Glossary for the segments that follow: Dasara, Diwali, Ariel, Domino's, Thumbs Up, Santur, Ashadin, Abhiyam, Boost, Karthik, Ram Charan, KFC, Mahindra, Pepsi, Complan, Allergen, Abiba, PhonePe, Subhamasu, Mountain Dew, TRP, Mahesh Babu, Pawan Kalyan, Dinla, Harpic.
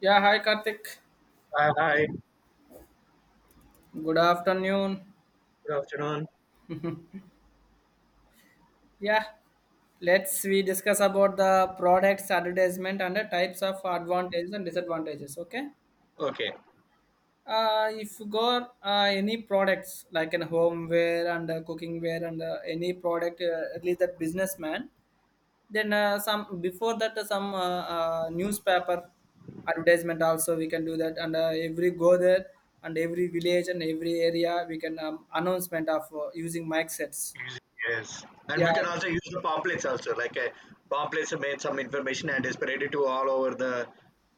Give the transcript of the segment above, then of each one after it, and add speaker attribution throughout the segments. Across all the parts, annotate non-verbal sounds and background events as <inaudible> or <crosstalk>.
Speaker 1: Yeah, hi Karthik.
Speaker 2: Hi, hi.
Speaker 1: Good afternoon.
Speaker 2: Good afternoon.
Speaker 1: Yeah, let's we discuss about the products advertisement and the types of advantages and disadvantages. Okay.
Speaker 2: Okay.
Speaker 1: If you got any products like in homeware and cooking wear and any product, at least that businessman, then some before that some newspaper advertisement also we can do that and every go there and every village and every area we can announcement of using mic sets.
Speaker 2: Easy, yes. And
Speaker 1: Yeah,
Speaker 2: we can also use the pamphlets also. Pamphlets made some information and is spreaded to all over the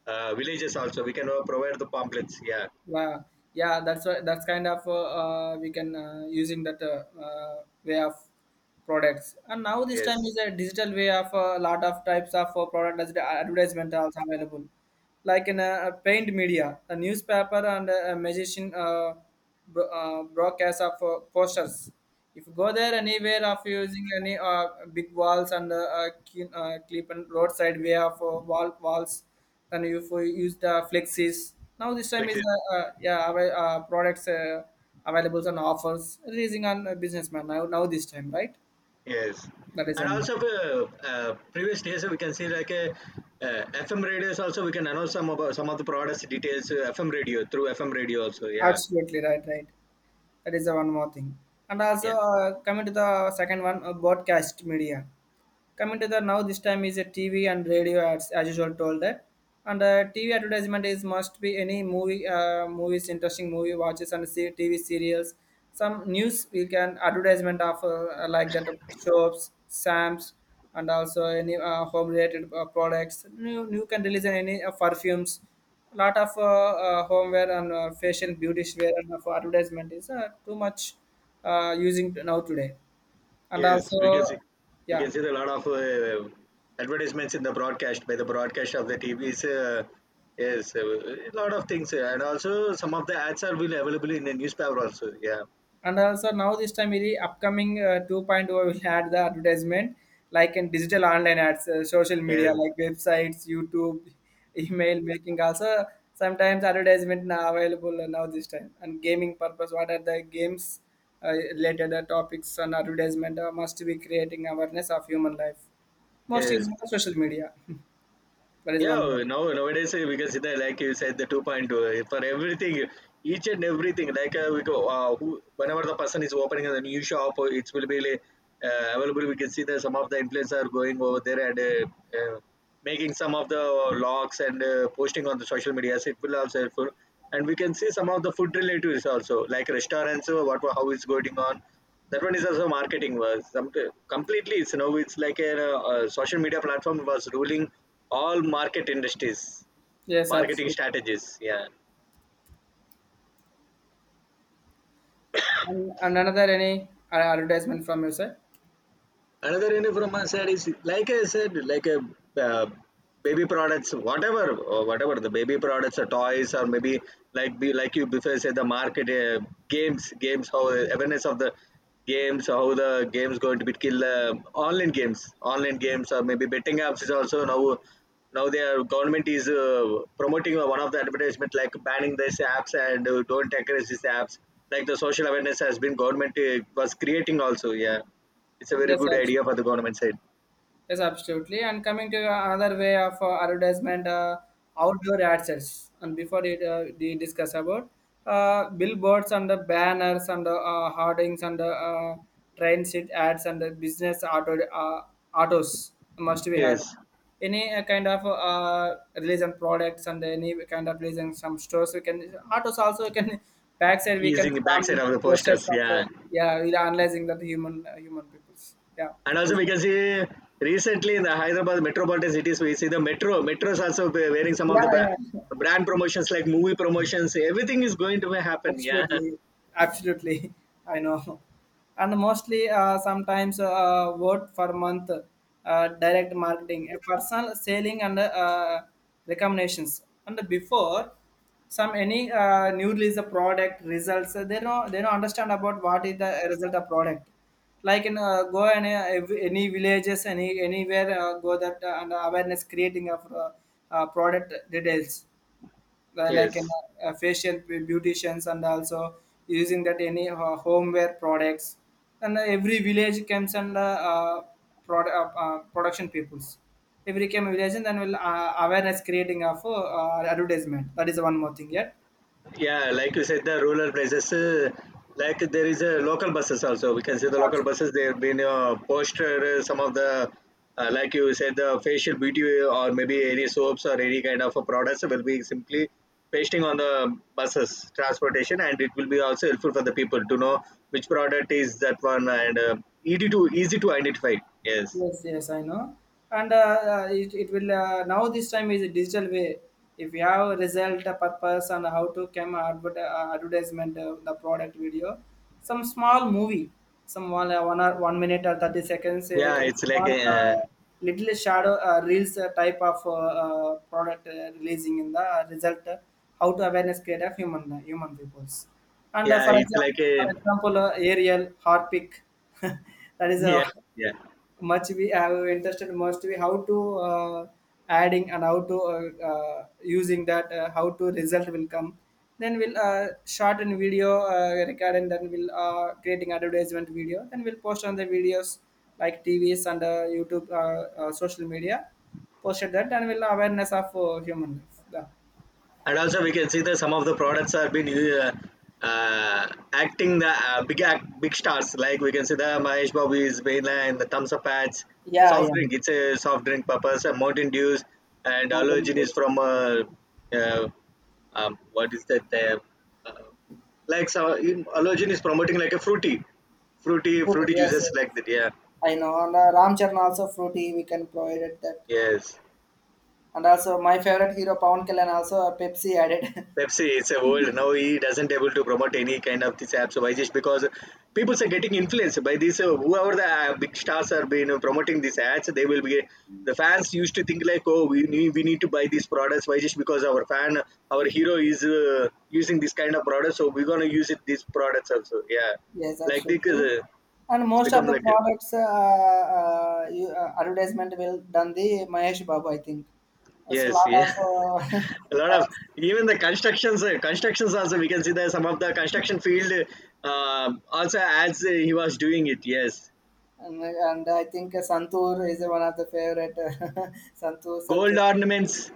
Speaker 2: villages also. We can provide the pamphlets. Yeah.
Speaker 1: wow, yeah, that's why that's kind of we can using that way of products. And now this time
Speaker 2: Yes.
Speaker 1: is a digital way of a lot of types of product as the advertisement are also available, like in a, paint media, a newspaper and a magazine, broadcast of posters. If you go there anywhere of using any big walls and clip and roadside way of walls, then you for use the flexies. Now this time
Speaker 2: Click
Speaker 1: is
Speaker 2: it.
Speaker 1: yeah products available and offers raising on a businessman now this time, right?
Speaker 2: Yes.
Speaker 1: That is
Speaker 2: And
Speaker 1: one more
Speaker 2: also
Speaker 1: thing.
Speaker 2: previous days we can see FM radios also we can announce some of the products details, FM radio through FM radio also. Yeah.
Speaker 1: Absolutely right, right, that is the one more thing. And
Speaker 2: Yeah.
Speaker 1: also coming to the second one, broadcast media, coming to the now this time is a TV and radio ads, as usual told that. And TV advertisement is must be any movie movies, interesting movie watches and see TV serials, some news we can advertisement of like that shops sams. And also any home related products you can release any perfumes, lot of homeware and facial beauty wear, and for advertisement is too much using now today. And
Speaker 2: Yes,
Speaker 1: also
Speaker 2: we can see we
Speaker 1: yeah,
Speaker 2: can see a lot of advertisements in the broadcast, by the broadcast of the TVs. Yes, a lot of things, and also some of the ads are will available in the newspaper also. Yeah,
Speaker 1: and also now this time in the upcoming 2.0 will add the advertisement, like in digital online ads, social media
Speaker 2: yes,
Speaker 1: like websites, youtube, email making also, sometimes advertisement now available now this time. And gaming purpose, what are the games related topics on advertisement must be creating awareness of human life, most is
Speaker 2: yes.
Speaker 1: on social media. That is one more.
Speaker 2: Yeah, nowadays we can see that, like you said, the 2.2, for everything, each and everything. Whenever the person is opening a new shop, it will be like, available. We can see that some of the influencers are going over there and making some of the logs and, posting on the social media. It will also helpful, and we can see some of the food relatives also, like restaurants. What, how is going on? That one is also marketing was some, completely. It's now, it's like a, social media platform was ruling all market industries,
Speaker 1: Yes,
Speaker 2: marketing
Speaker 1: absolutely.
Speaker 2: strategies. Yeah.
Speaker 1: And another any advertisement from your side?
Speaker 2: Another any from my side is, like I said, like a, uh, baby products, whatever, or whatever the baby products or toys, or maybe, like, be like you before said the market, uh, games, how the awareness of the games, how the games going to be kill the online games or maybe betting apps is also, now their government is, promoting one of the advertisement like banning these apps and, don't encourage these apps, like the social awareness has been government, was creating also. Yeah, it's a very
Speaker 1: Yes,
Speaker 2: good idea
Speaker 1: absolutely.
Speaker 2: for the government side.
Speaker 1: Yes, absolutely. And coming to another way of advertisement, outdoor ad sets. And before it, we discuss about billboards and the banners and the hoardings and the train seat ads and the business auto autos, must be had.
Speaker 2: Yes,
Speaker 1: Any kind of release and products and any kind of release in some stores, we can autos also we can backside we can
Speaker 2: using the
Speaker 1: stamp
Speaker 2: backside
Speaker 1: the
Speaker 2: of the
Speaker 1: posters
Speaker 2: posters.
Speaker 1: of
Speaker 2: Yeah,
Speaker 1: yeah, we are analyzing that human peoples, yeah.
Speaker 2: and also
Speaker 1: That's
Speaker 2: we can see recently in the Hyderabad metropolitan cities, we see the metros also be wearing some
Speaker 1: yeah,
Speaker 2: of the
Speaker 1: yeah,
Speaker 2: brand promotions, like movie promotions. Everything is going to happen. Yeah. <laughs>
Speaker 1: absolutely, absolutely. <laughs> I know, and mostly sometimes word for month, direct marketing, personal selling, and recommendations. And before some any new release the product results, they don't understand about what is the result of product. Like in go any villages, any anywhere go that and awareness creating of product details, like in
Speaker 2: Yes.
Speaker 1: facial beauticians and also using that any homeware products and every village comes and uh, production peoples every came village, and then will awareness creating of advertisement. That is one more thing, yeah.
Speaker 2: Yeah, like you said, the rural places, like there is a local buses also. We can see the local buses. They've been, posted, some of the, like you said, the facial beauty or maybe any soaps or any kind of, products will be simply pasting on the buses transportation, and it will be also helpful for the people to know which product is that one, and, easy to identify. Yes.
Speaker 1: Yes, yes, I know. And it will now this time is a digital way. If you have a result, a purpose, and how to come advertisement, the product video, some small movie, some one, one or one minute or 30 seconds,
Speaker 2: Yeah,
Speaker 1: can
Speaker 2: it's like
Speaker 1: small
Speaker 2: a,
Speaker 1: little shadow reels type of product releasing in the result. How to awareness create of human peoples. And
Speaker 2: yeah, it's like
Speaker 1: for
Speaker 2: a
Speaker 1: example, Ariel, Harpic, <laughs> that
Speaker 2: <laughs>
Speaker 1: is a
Speaker 2: yeah yeah.
Speaker 1: much we have interested, must be how to adding and how to using that how to result will come, then we'll short and video record and then we'll creating advertisement video, then we'll post on the videos like TVs and youtube social media, posted that and we'll awareness of human life, yeah.
Speaker 2: And also we can see that some of the products are been, uh, acting the, big stars, like we can see the Mahesh Babu is Bela and the thumbs up ads,
Speaker 1: Yeah,
Speaker 2: soft
Speaker 1: yeah.
Speaker 2: drink. It's a soft drink purpose, Mountain Dews, and
Speaker 1: Modern
Speaker 2: Allergen is from, uh, what is that uh, like so in- Allergen is promoting like a fruity, fruity
Speaker 1: fruit,
Speaker 2: fruity
Speaker 1: yes,
Speaker 2: juices,
Speaker 1: yes.
Speaker 2: like that. Yeah,
Speaker 1: I know. And Ram Charan also fruity. We can provide it that.
Speaker 2: yes.
Speaker 1: And also my favorite hero Pawan Kalyan also Pepsi added. <laughs>
Speaker 2: Pepsi, it's a world. Now he doesn't able to promote any kind of this apps. Why? Just because people are getting influenced by this. Whoever the, big stars are been, promoting these ads, they will be, the fans used to think like, oh, we need to buy these products. Why? Just because our fan, our hero is, using this kind of product, so we're gonna use it these products also. Yeah,
Speaker 1: Yes,
Speaker 2: like, because
Speaker 1: absolutely. And
Speaker 2: it's
Speaker 1: most
Speaker 2: become
Speaker 1: of the
Speaker 2: like a,
Speaker 1: products advertisement will done the Mahesh Babu, I think. That's a
Speaker 2: yes,
Speaker 1: lot
Speaker 2: yeah.
Speaker 1: of
Speaker 2: <laughs> A
Speaker 1: <laughs>
Speaker 2: lot of,
Speaker 1: ads.
Speaker 2: even the constructions, constructions also, we can see that some of the construction field, also, as, he was doing it. Yes,
Speaker 1: And I think Santur is one of the favorite. <laughs> Santur, Santur.
Speaker 2: gold ornaments.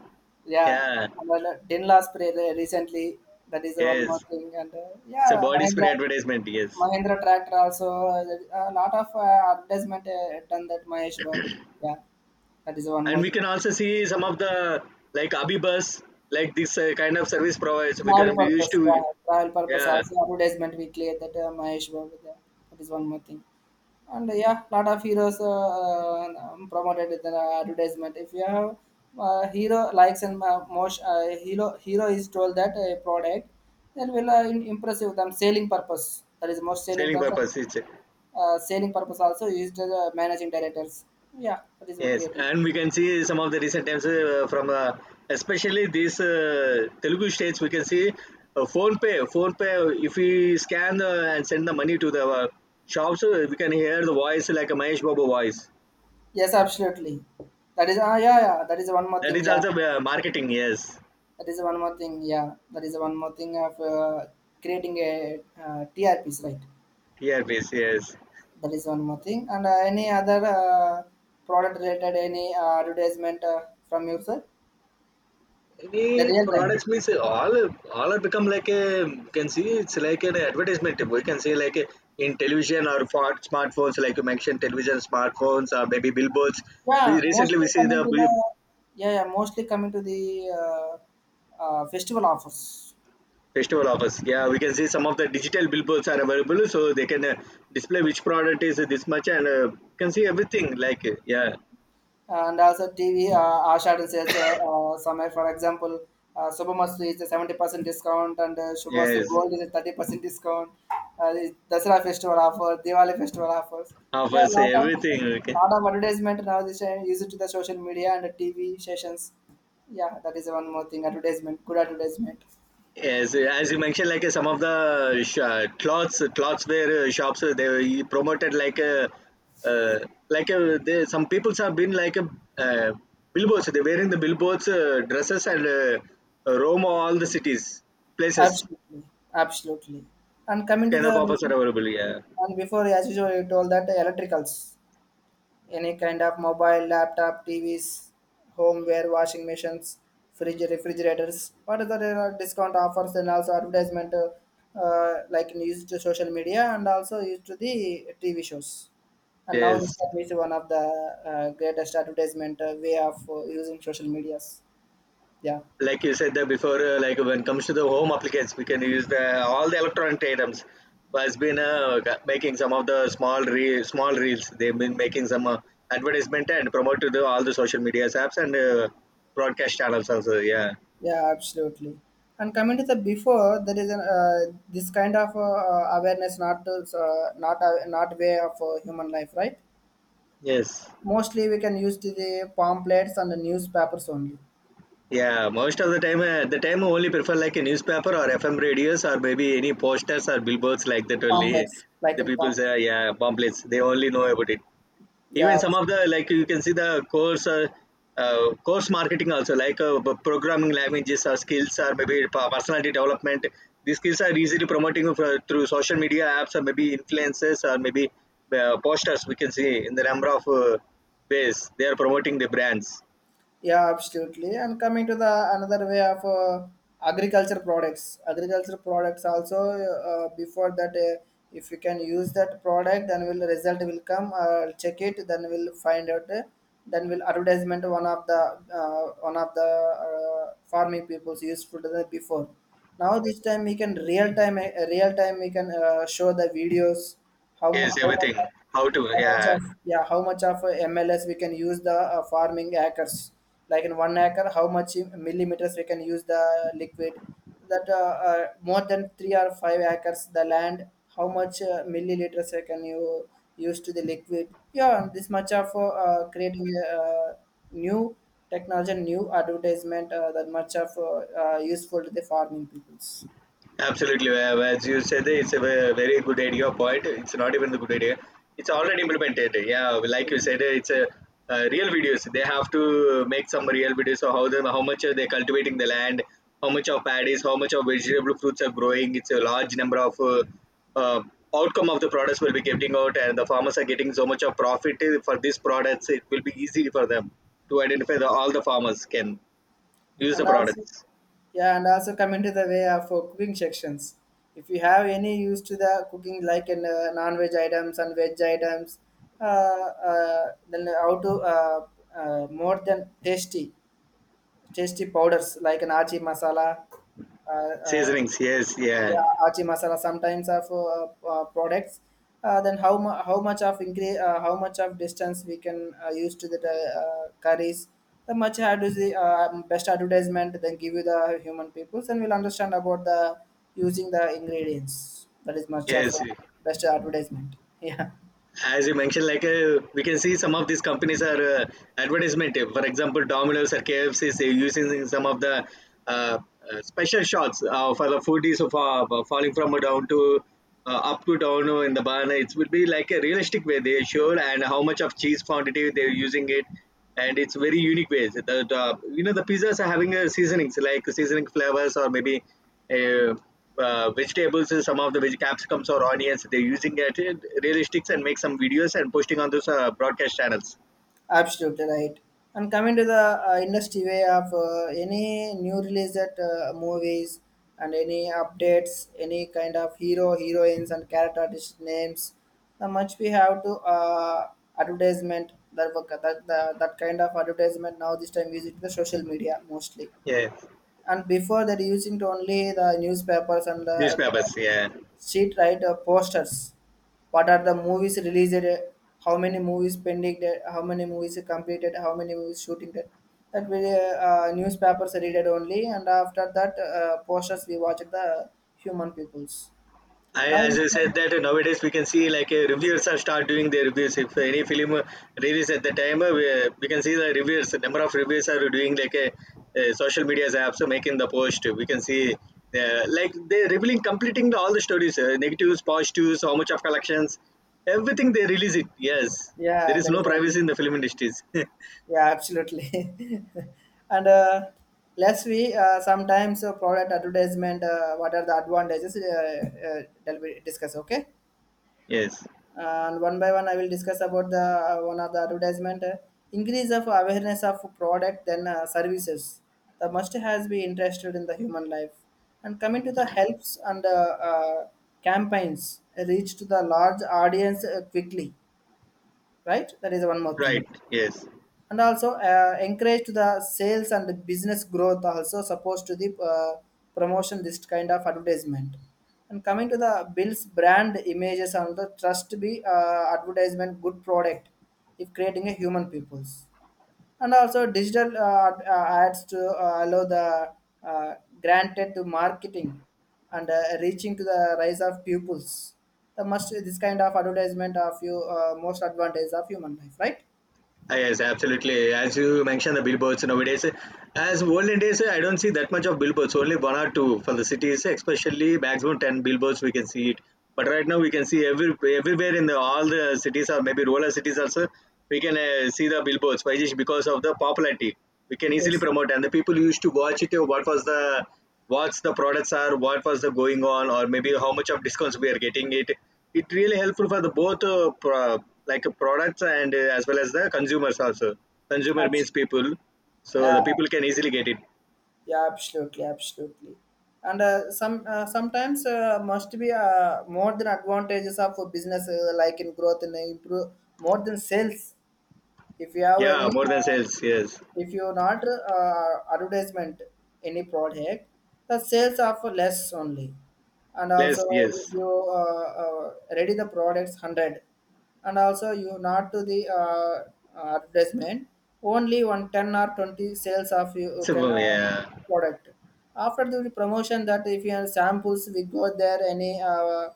Speaker 1: Yeah.
Speaker 2: Yeah,
Speaker 1: And then, Dinla spray recently. That is the one more
Speaker 2: yes,
Speaker 1: thing. And
Speaker 2: it's a
Speaker 1: yeah,
Speaker 2: body spray
Speaker 1: Mahindra.
Speaker 2: advertisement. Yes,
Speaker 1: Mahindra tractor also a lot of advertisement done that Mahesh Babu. Yeah, that is one
Speaker 2: and
Speaker 1: more
Speaker 2: we
Speaker 1: thing.
Speaker 2: can also see some of the, like, Abibus, like this, kind of service providers. We
Speaker 1: Travel
Speaker 2: can we used
Speaker 1: purpose, yeah,
Speaker 2: to
Speaker 1: travel purpose
Speaker 2: yeah,
Speaker 1: also advertisement we clear that Mahesh Babu. Yeah, that is one more thing. And yeah, lot of heroes promoted with the advertisement. If you have hero likes and most hero is told that a product, then will impressive them selling purpose. That is most selling
Speaker 2: selling
Speaker 1: purpose.
Speaker 2: purpose. It's,
Speaker 1: Selling purpose also used as a managing directors. Yeah, that is what
Speaker 2: yes,
Speaker 1: creating.
Speaker 2: and we can see some of the recent times, from especially these, Telugu states. We can see, phone pay, phone pay. If we scan the, and send the money to the, shops, we can hear the voice like a Mahesh Babu voice.
Speaker 1: Yes, absolutely. That is ah yeah yeah. That is one more
Speaker 2: That
Speaker 1: thing.
Speaker 2: is
Speaker 1: Yeah,
Speaker 2: also, marketing. Yes,
Speaker 1: that is one more thing. Yeah, that is one more thing of creating a TRPs right.
Speaker 2: earpiece. Yes,
Speaker 1: That is one more thing. And any other product related any advertisement from you, sir? The
Speaker 2: any
Speaker 1: real time.
Speaker 2: products means all are become like a, you can see, it's like an advertisement. We can say like a, in television or for smartphones, like you mentioned, television, smartphones, or maybe billboards. We
Speaker 1: Yeah,
Speaker 2: recently
Speaker 1: mostly
Speaker 2: we see
Speaker 1: coming
Speaker 2: the
Speaker 1: to the yeah yeah mostly coming to the uh, festival offers.
Speaker 2: festival offers. Yeah, we can see some of the digital billboards are available, so they can, display which product is this much, and, you can see everything. Yeah,
Speaker 1: And also TV, Ashadin says, somewhere, for example, Subhamasu is a 70% discount and Subhamasu
Speaker 2: yes,
Speaker 1: Gold is a 30% discount. The Dasara festival offer, Diwali festival offers. Yeah,
Speaker 2: offers, everything. Okay.
Speaker 1: lot of advertisement now this time used to the social media and the TV sessions. Yeah, that is one more thing. Advertisement, good advertisement.
Speaker 2: Yes, as you mentioned, like, some of the cloths, cloths where, shops, they were promoted like, uh, they, some peoples have been like, uh, billboards. They're wearing the billboards, dresses, and, roam all the cities, places.
Speaker 1: Absolutely, absolutely. And
Speaker 2: This
Speaker 1: coming to
Speaker 2: kind of
Speaker 1: the
Speaker 2: offers are
Speaker 1: before,
Speaker 2: available. Yeah.
Speaker 1: and before as usual, you told that electricals. Any kind of mobile, laptop, TVs, homeware, washing machines, fridge, refrigerators. What is the discount offers and also advertisement like in used to social media and also used to the TV shows. And now
Speaker 2: Yes.
Speaker 1: this time is one of the greatest advertisement way of using social medias. Yeah,
Speaker 2: Like you said that before, like, when it comes to the home applications, we can use the all the electronic items has been, making some of the small small reels, they've been making some, advertisement and promote to the, all the social media apps and, broadcast channels also. Yeah,
Speaker 1: yeah, absolutely. And coming to the before, there is an, this kind of awareness not to, not way of human life, right?
Speaker 2: yes.
Speaker 1: Mostly we can use the pamphlets and the newspapers only.
Speaker 2: Yeah, most of the time, the time, I only prefer like a newspaper or FM radios or maybe any posters or billboards, like that only
Speaker 1: Pamphlets, like
Speaker 2: the
Speaker 1: in
Speaker 2: people
Speaker 1: pamphlets.
Speaker 2: say. Yeah, pamphlets, they only know about it. Even
Speaker 1: Yeah,
Speaker 2: some of the, like, you can see the course, course marketing also, like, programming languages or skills or maybe personality development. These skills are easily promoting for, through social media apps or maybe influences or maybe, posters, we can see in the number of, ways they are promoting the brands
Speaker 1: yeah, absolutely. And coming to the another way of agriculture products also before that, if you can use that product, then will result will come. Check it, then we'll find out. Then will advertisement one of the farming people's useful to the before. Now this time we can real time we can show the videos,
Speaker 2: is
Speaker 1: how
Speaker 2: everything.
Speaker 1: much,
Speaker 2: How to,
Speaker 1: how much
Speaker 2: yeah,
Speaker 1: of yeah, how much of mls we can use the farming acres? Like in one acre how much millimeters we can use the liquid, that more than 3 or 5 acres the land, how much milliliters we can you use to the liquid, yeah this much of creating a new technology, new advertisement, that much of useful to the farming peoples.
Speaker 2: absolutely, as you said, it's a very good idea point. It's not even a good idea. It's already implemented. Yeah, like you said, it's a, real videos. They have to make some real videos of how them, how much are they cultivating the land, how much of paddies, how much of vegetable fruits are growing. It's a large number of, uh, outcome of the products will be getting out, and the farmers are getting so much of profit, for these products. It will be easy for them to identify. The all the farmers can use
Speaker 1: And
Speaker 2: the
Speaker 1: also
Speaker 2: products,
Speaker 1: yeah, and also come into the way of cooking sections. If you have any use to the cooking like in non-veg items and veg items, then how to more than tasty, tasty powders like an achi masala, uh, uh,
Speaker 2: seasonings. Yes, yeah,
Speaker 1: yeah achi masala sometimes of products, then how much of increase, how much of distance we can use to the curries. The much had is the best advertisement then give you the human peoples and we'll understand about the using the ingredients. That is much of
Speaker 2: yes.
Speaker 1: best advertisement. <laughs> Yeah.
Speaker 2: As you mentioned, like, we can see some of these companies are, advertisement. For example, Domino's or KFC is using some of the, uh, special shots, for the foodies of, falling from down to, up to down in the barn. It would be like a realistic way they showed and how much of cheese quantity they're using it, and it's very unique ways. The You know, the pizzas are having a seasonings, like seasoning flavors, or maybe, uh, vegetables and some of the veg capsicums or onions, they're using it in realistics and make some videos and posting on those, broadcast channels.
Speaker 1: Absolutely right. And coming to the industry way of any new release that movies and any updates, any kind of hero, heroines and character artist names, the much we have to advertisement that, that kind of advertisement now this time using the social media mostly.
Speaker 2: Yeah,
Speaker 1: And before that using to only the newspapers and the
Speaker 2: newspapers, yeah.
Speaker 1: Street writer posters. What are the movies released? How many movies pending? How many movies completed? How many movies shooting? That we, newspapers read it only, and after that posters we watched the human peoples. Now,
Speaker 2: As I
Speaker 1: um,
Speaker 2: said that, nowadays we can see, like, reviewers are start doing their reviews. If any film, release at the time, we can see the reviewers. The number of reviewers are doing like a, uh, social media apps, making the post. We can see, like they're revealing, completing the, all the stories, negatives, positives, how much of collections, everything they release it. Yes,
Speaker 1: yeah,
Speaker 2: there is
Speaker 1: that is
Speaker 2: no privacy in the film industries. <laughs>
Speaker 1: yeah, absolutely. <laughs> And let's we sometimes product advertisement. What are the advantages? That we discuss. Okay.
Speaker 2: Yes,
Speaker 1: And one by one I will discuss about the one of the advertisement. Increase of awareness of product, then services, the must has be interested in the human life, and coming to the helps and uh, campaigns reach to the large audience quickly, right, that is one more thing.
Speaker 2: right. Yes.
Speaker 1: And also encourage to the sales and the business growth, also supposed to the promotion, this kind of advertisement. And coming to the bills, brand images and the trust be advertisement good product if creating a human peoples. And also digital ads to allow the uh, granted to marketing, and reaching to the rise of pupils. The must this kind of advertisement of you most advantage of human life, right?
Speaker 2: Ah, yes, absolutely. As you mentioned, the billboards nowadays, as olden days, I don't see that much of billboards, only one or two for the cities, especially maximum 10 billboards we can see it. But right now, we can see everywhere in the, all the cities or maybe rural cities also, we can, see the billboards. Why is it? Because of the popularity. We can easily
Speaker 1: Yes.
Speaker 2: promote, and the people used to watch it, what was the, what's the products are, what was the going on, or maybe how much of discounts we are getting it. It really helpful for the both, like, products and, as well as the consumers also. Consumer means
Speaker 1: Absolutely.
Speaker 2: people, so
Speaker 1: Yeah,
Speaker 2: the people can easily get it.
Speaker 1: yeah, absolutely, absolutely. And sometimes must be more than advantages of a business like in growth and improve more than sales. If you have any,
Speaker 2: Yeah, more than
Speaker 1: uh,
Speaker 2: sales. Yes,
Speaker 1: if you not advertisement any product, the sales are for less only. And
Speaker 2: less.
Speaker 1: also,
Speaker 2: Yes.
Speaker 1: if you ready the products 100, and also you not to the advertisement, only one ten or 20 sales of you
Speaker 2: So
Speaker 1: can
Speaker 2: yeah.
Speaker 1: product. After the promotion, that if you have samples, we go there any.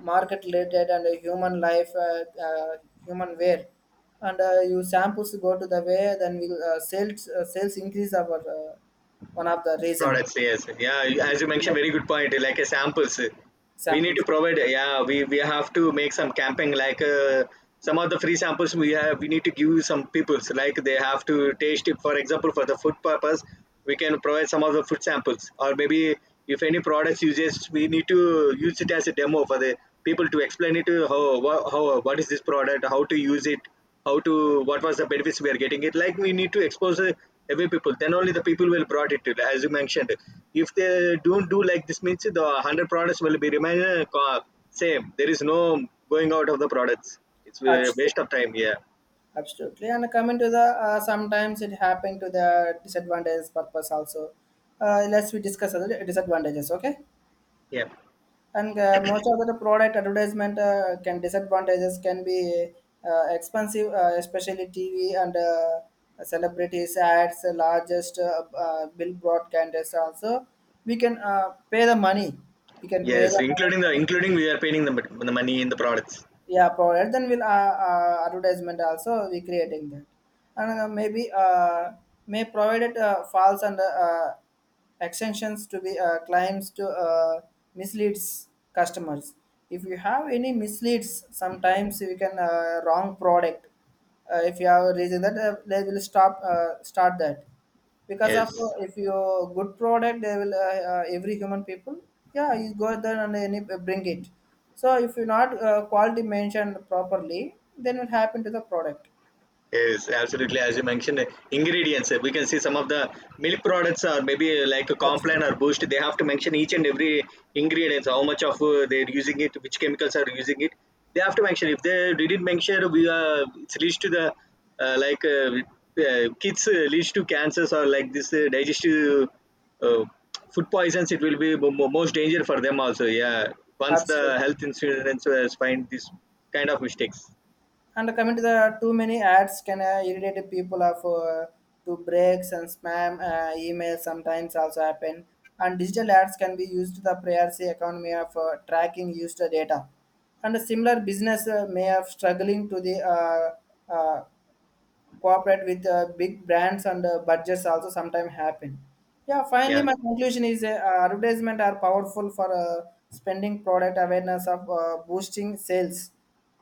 Speaker 1: Market related and a human life, human wear, and you samples go to the way, then we sales increase our one of the reason
Speaker 2: Products, yes. Yeah, as you mentioned, very good point. Like a samples, we need to
Speaker 1: samples.
Speaker 2: provide. Yeah, we have to make some camping. Like, some of the free samples we have, we need to give some peoples. Like, they have to taste it. For example, for the food purpose, we can provide some of the food samples. Or maybe if any products uses, we need to use it as a demo for the people to explain it to, how how, what is this product, how to use it, how to, what was the benefits we are getting it. Like, we need to expose, every people, then only the people will brought it to, as you mentioned. If they don't do like this means the 100 products will be remain, same, there is no going out of the products, it's a
Speaker 1: Absolutely,
Speaker 2: waste of time. Yeah,
Speaker 1: absolutely. And coming to the sometimes it happened to the disadvantages purpose also. Let's we discuss other disadvantages. Okay.
Speaker 2: yeah,
Speaker 1: And most of the product advertisement can disadvantages can be expensive, especially TV and celebrities ads, the largest bill broadcasters also. we can uh, pay the money we can pay
Speaker 2: yes,
Speaker 1: the money.
Speaker 2: including, the including we are paying the money in the products.
Speaker 1: Yeah, product, then we'll advertisement also, we creating that. And maybe may provided false and extensions to be claims to misleads customers. If you have any misleads, sometimes we can wrong product. If you have a that they will stop start that, because of
Speaker 2: Yes,
Speaker 1: if you good product they will every human people. Yeah, you go there and any, bring it. So if you not quality mentioned properly, then will happen to the product.
Speaker 2: yes, absolutely. As you mentioned, ingredients. Uh, we can see some of the milk products or maybe, like a Complan
Speaker 1: Absolutely,
Speaker 2: or Boost. They have to mention each and every ingredients. How much of, they're using it, which chemicals are using it. They have to mention. If they didn't mention, we, it leads to the, uh, like uh, kids, leads to cancers or like this, digestive, uh, food poisons. It will be most danger for them also. Yeah, once the
Speaker 1: absolutely.
Speaker 2: health insurance, find this kind of mistakes.
Speaker 1: And coming to the too many ads can irritate people of to breaks and spam emails sometimes also happen. And digital ads can be used to the privacy economy of tracking user data. And a similar business may have struggling to the cooperate with big brands and budgets also sometimes happen. Yeah, finally,
Speaker 2: Yeah.
Speaker 1: my conclusion is advertisement are powerful for spending product awareness of boosting sales,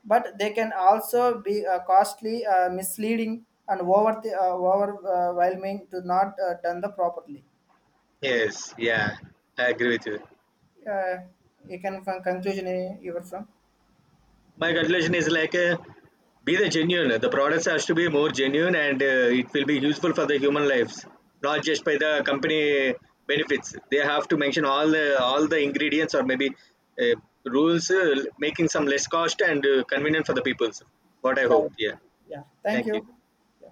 Speaker 1: but they can also be costly, misleading, and overwhelming to not done the properly.
Speaker 2: Yes, yeah, I agree with you.
Speaker 1: Uh, you can find conclusion you were from.
Speaker 2: My conclusion is like, be the genuine. The products has to be more genuine, and, it will be useful for the human lives, not just by the company benefits. They have to mention all the ingredients or maybe, uh, rules, making some less cost and, convenient for the people. What I hope.
Speaker 1: Right.
Speaker 2: Yeah.
Speaker 1: Yeah, thank
Speaker 2: Thank you.
Speaker 1: you. Yeah.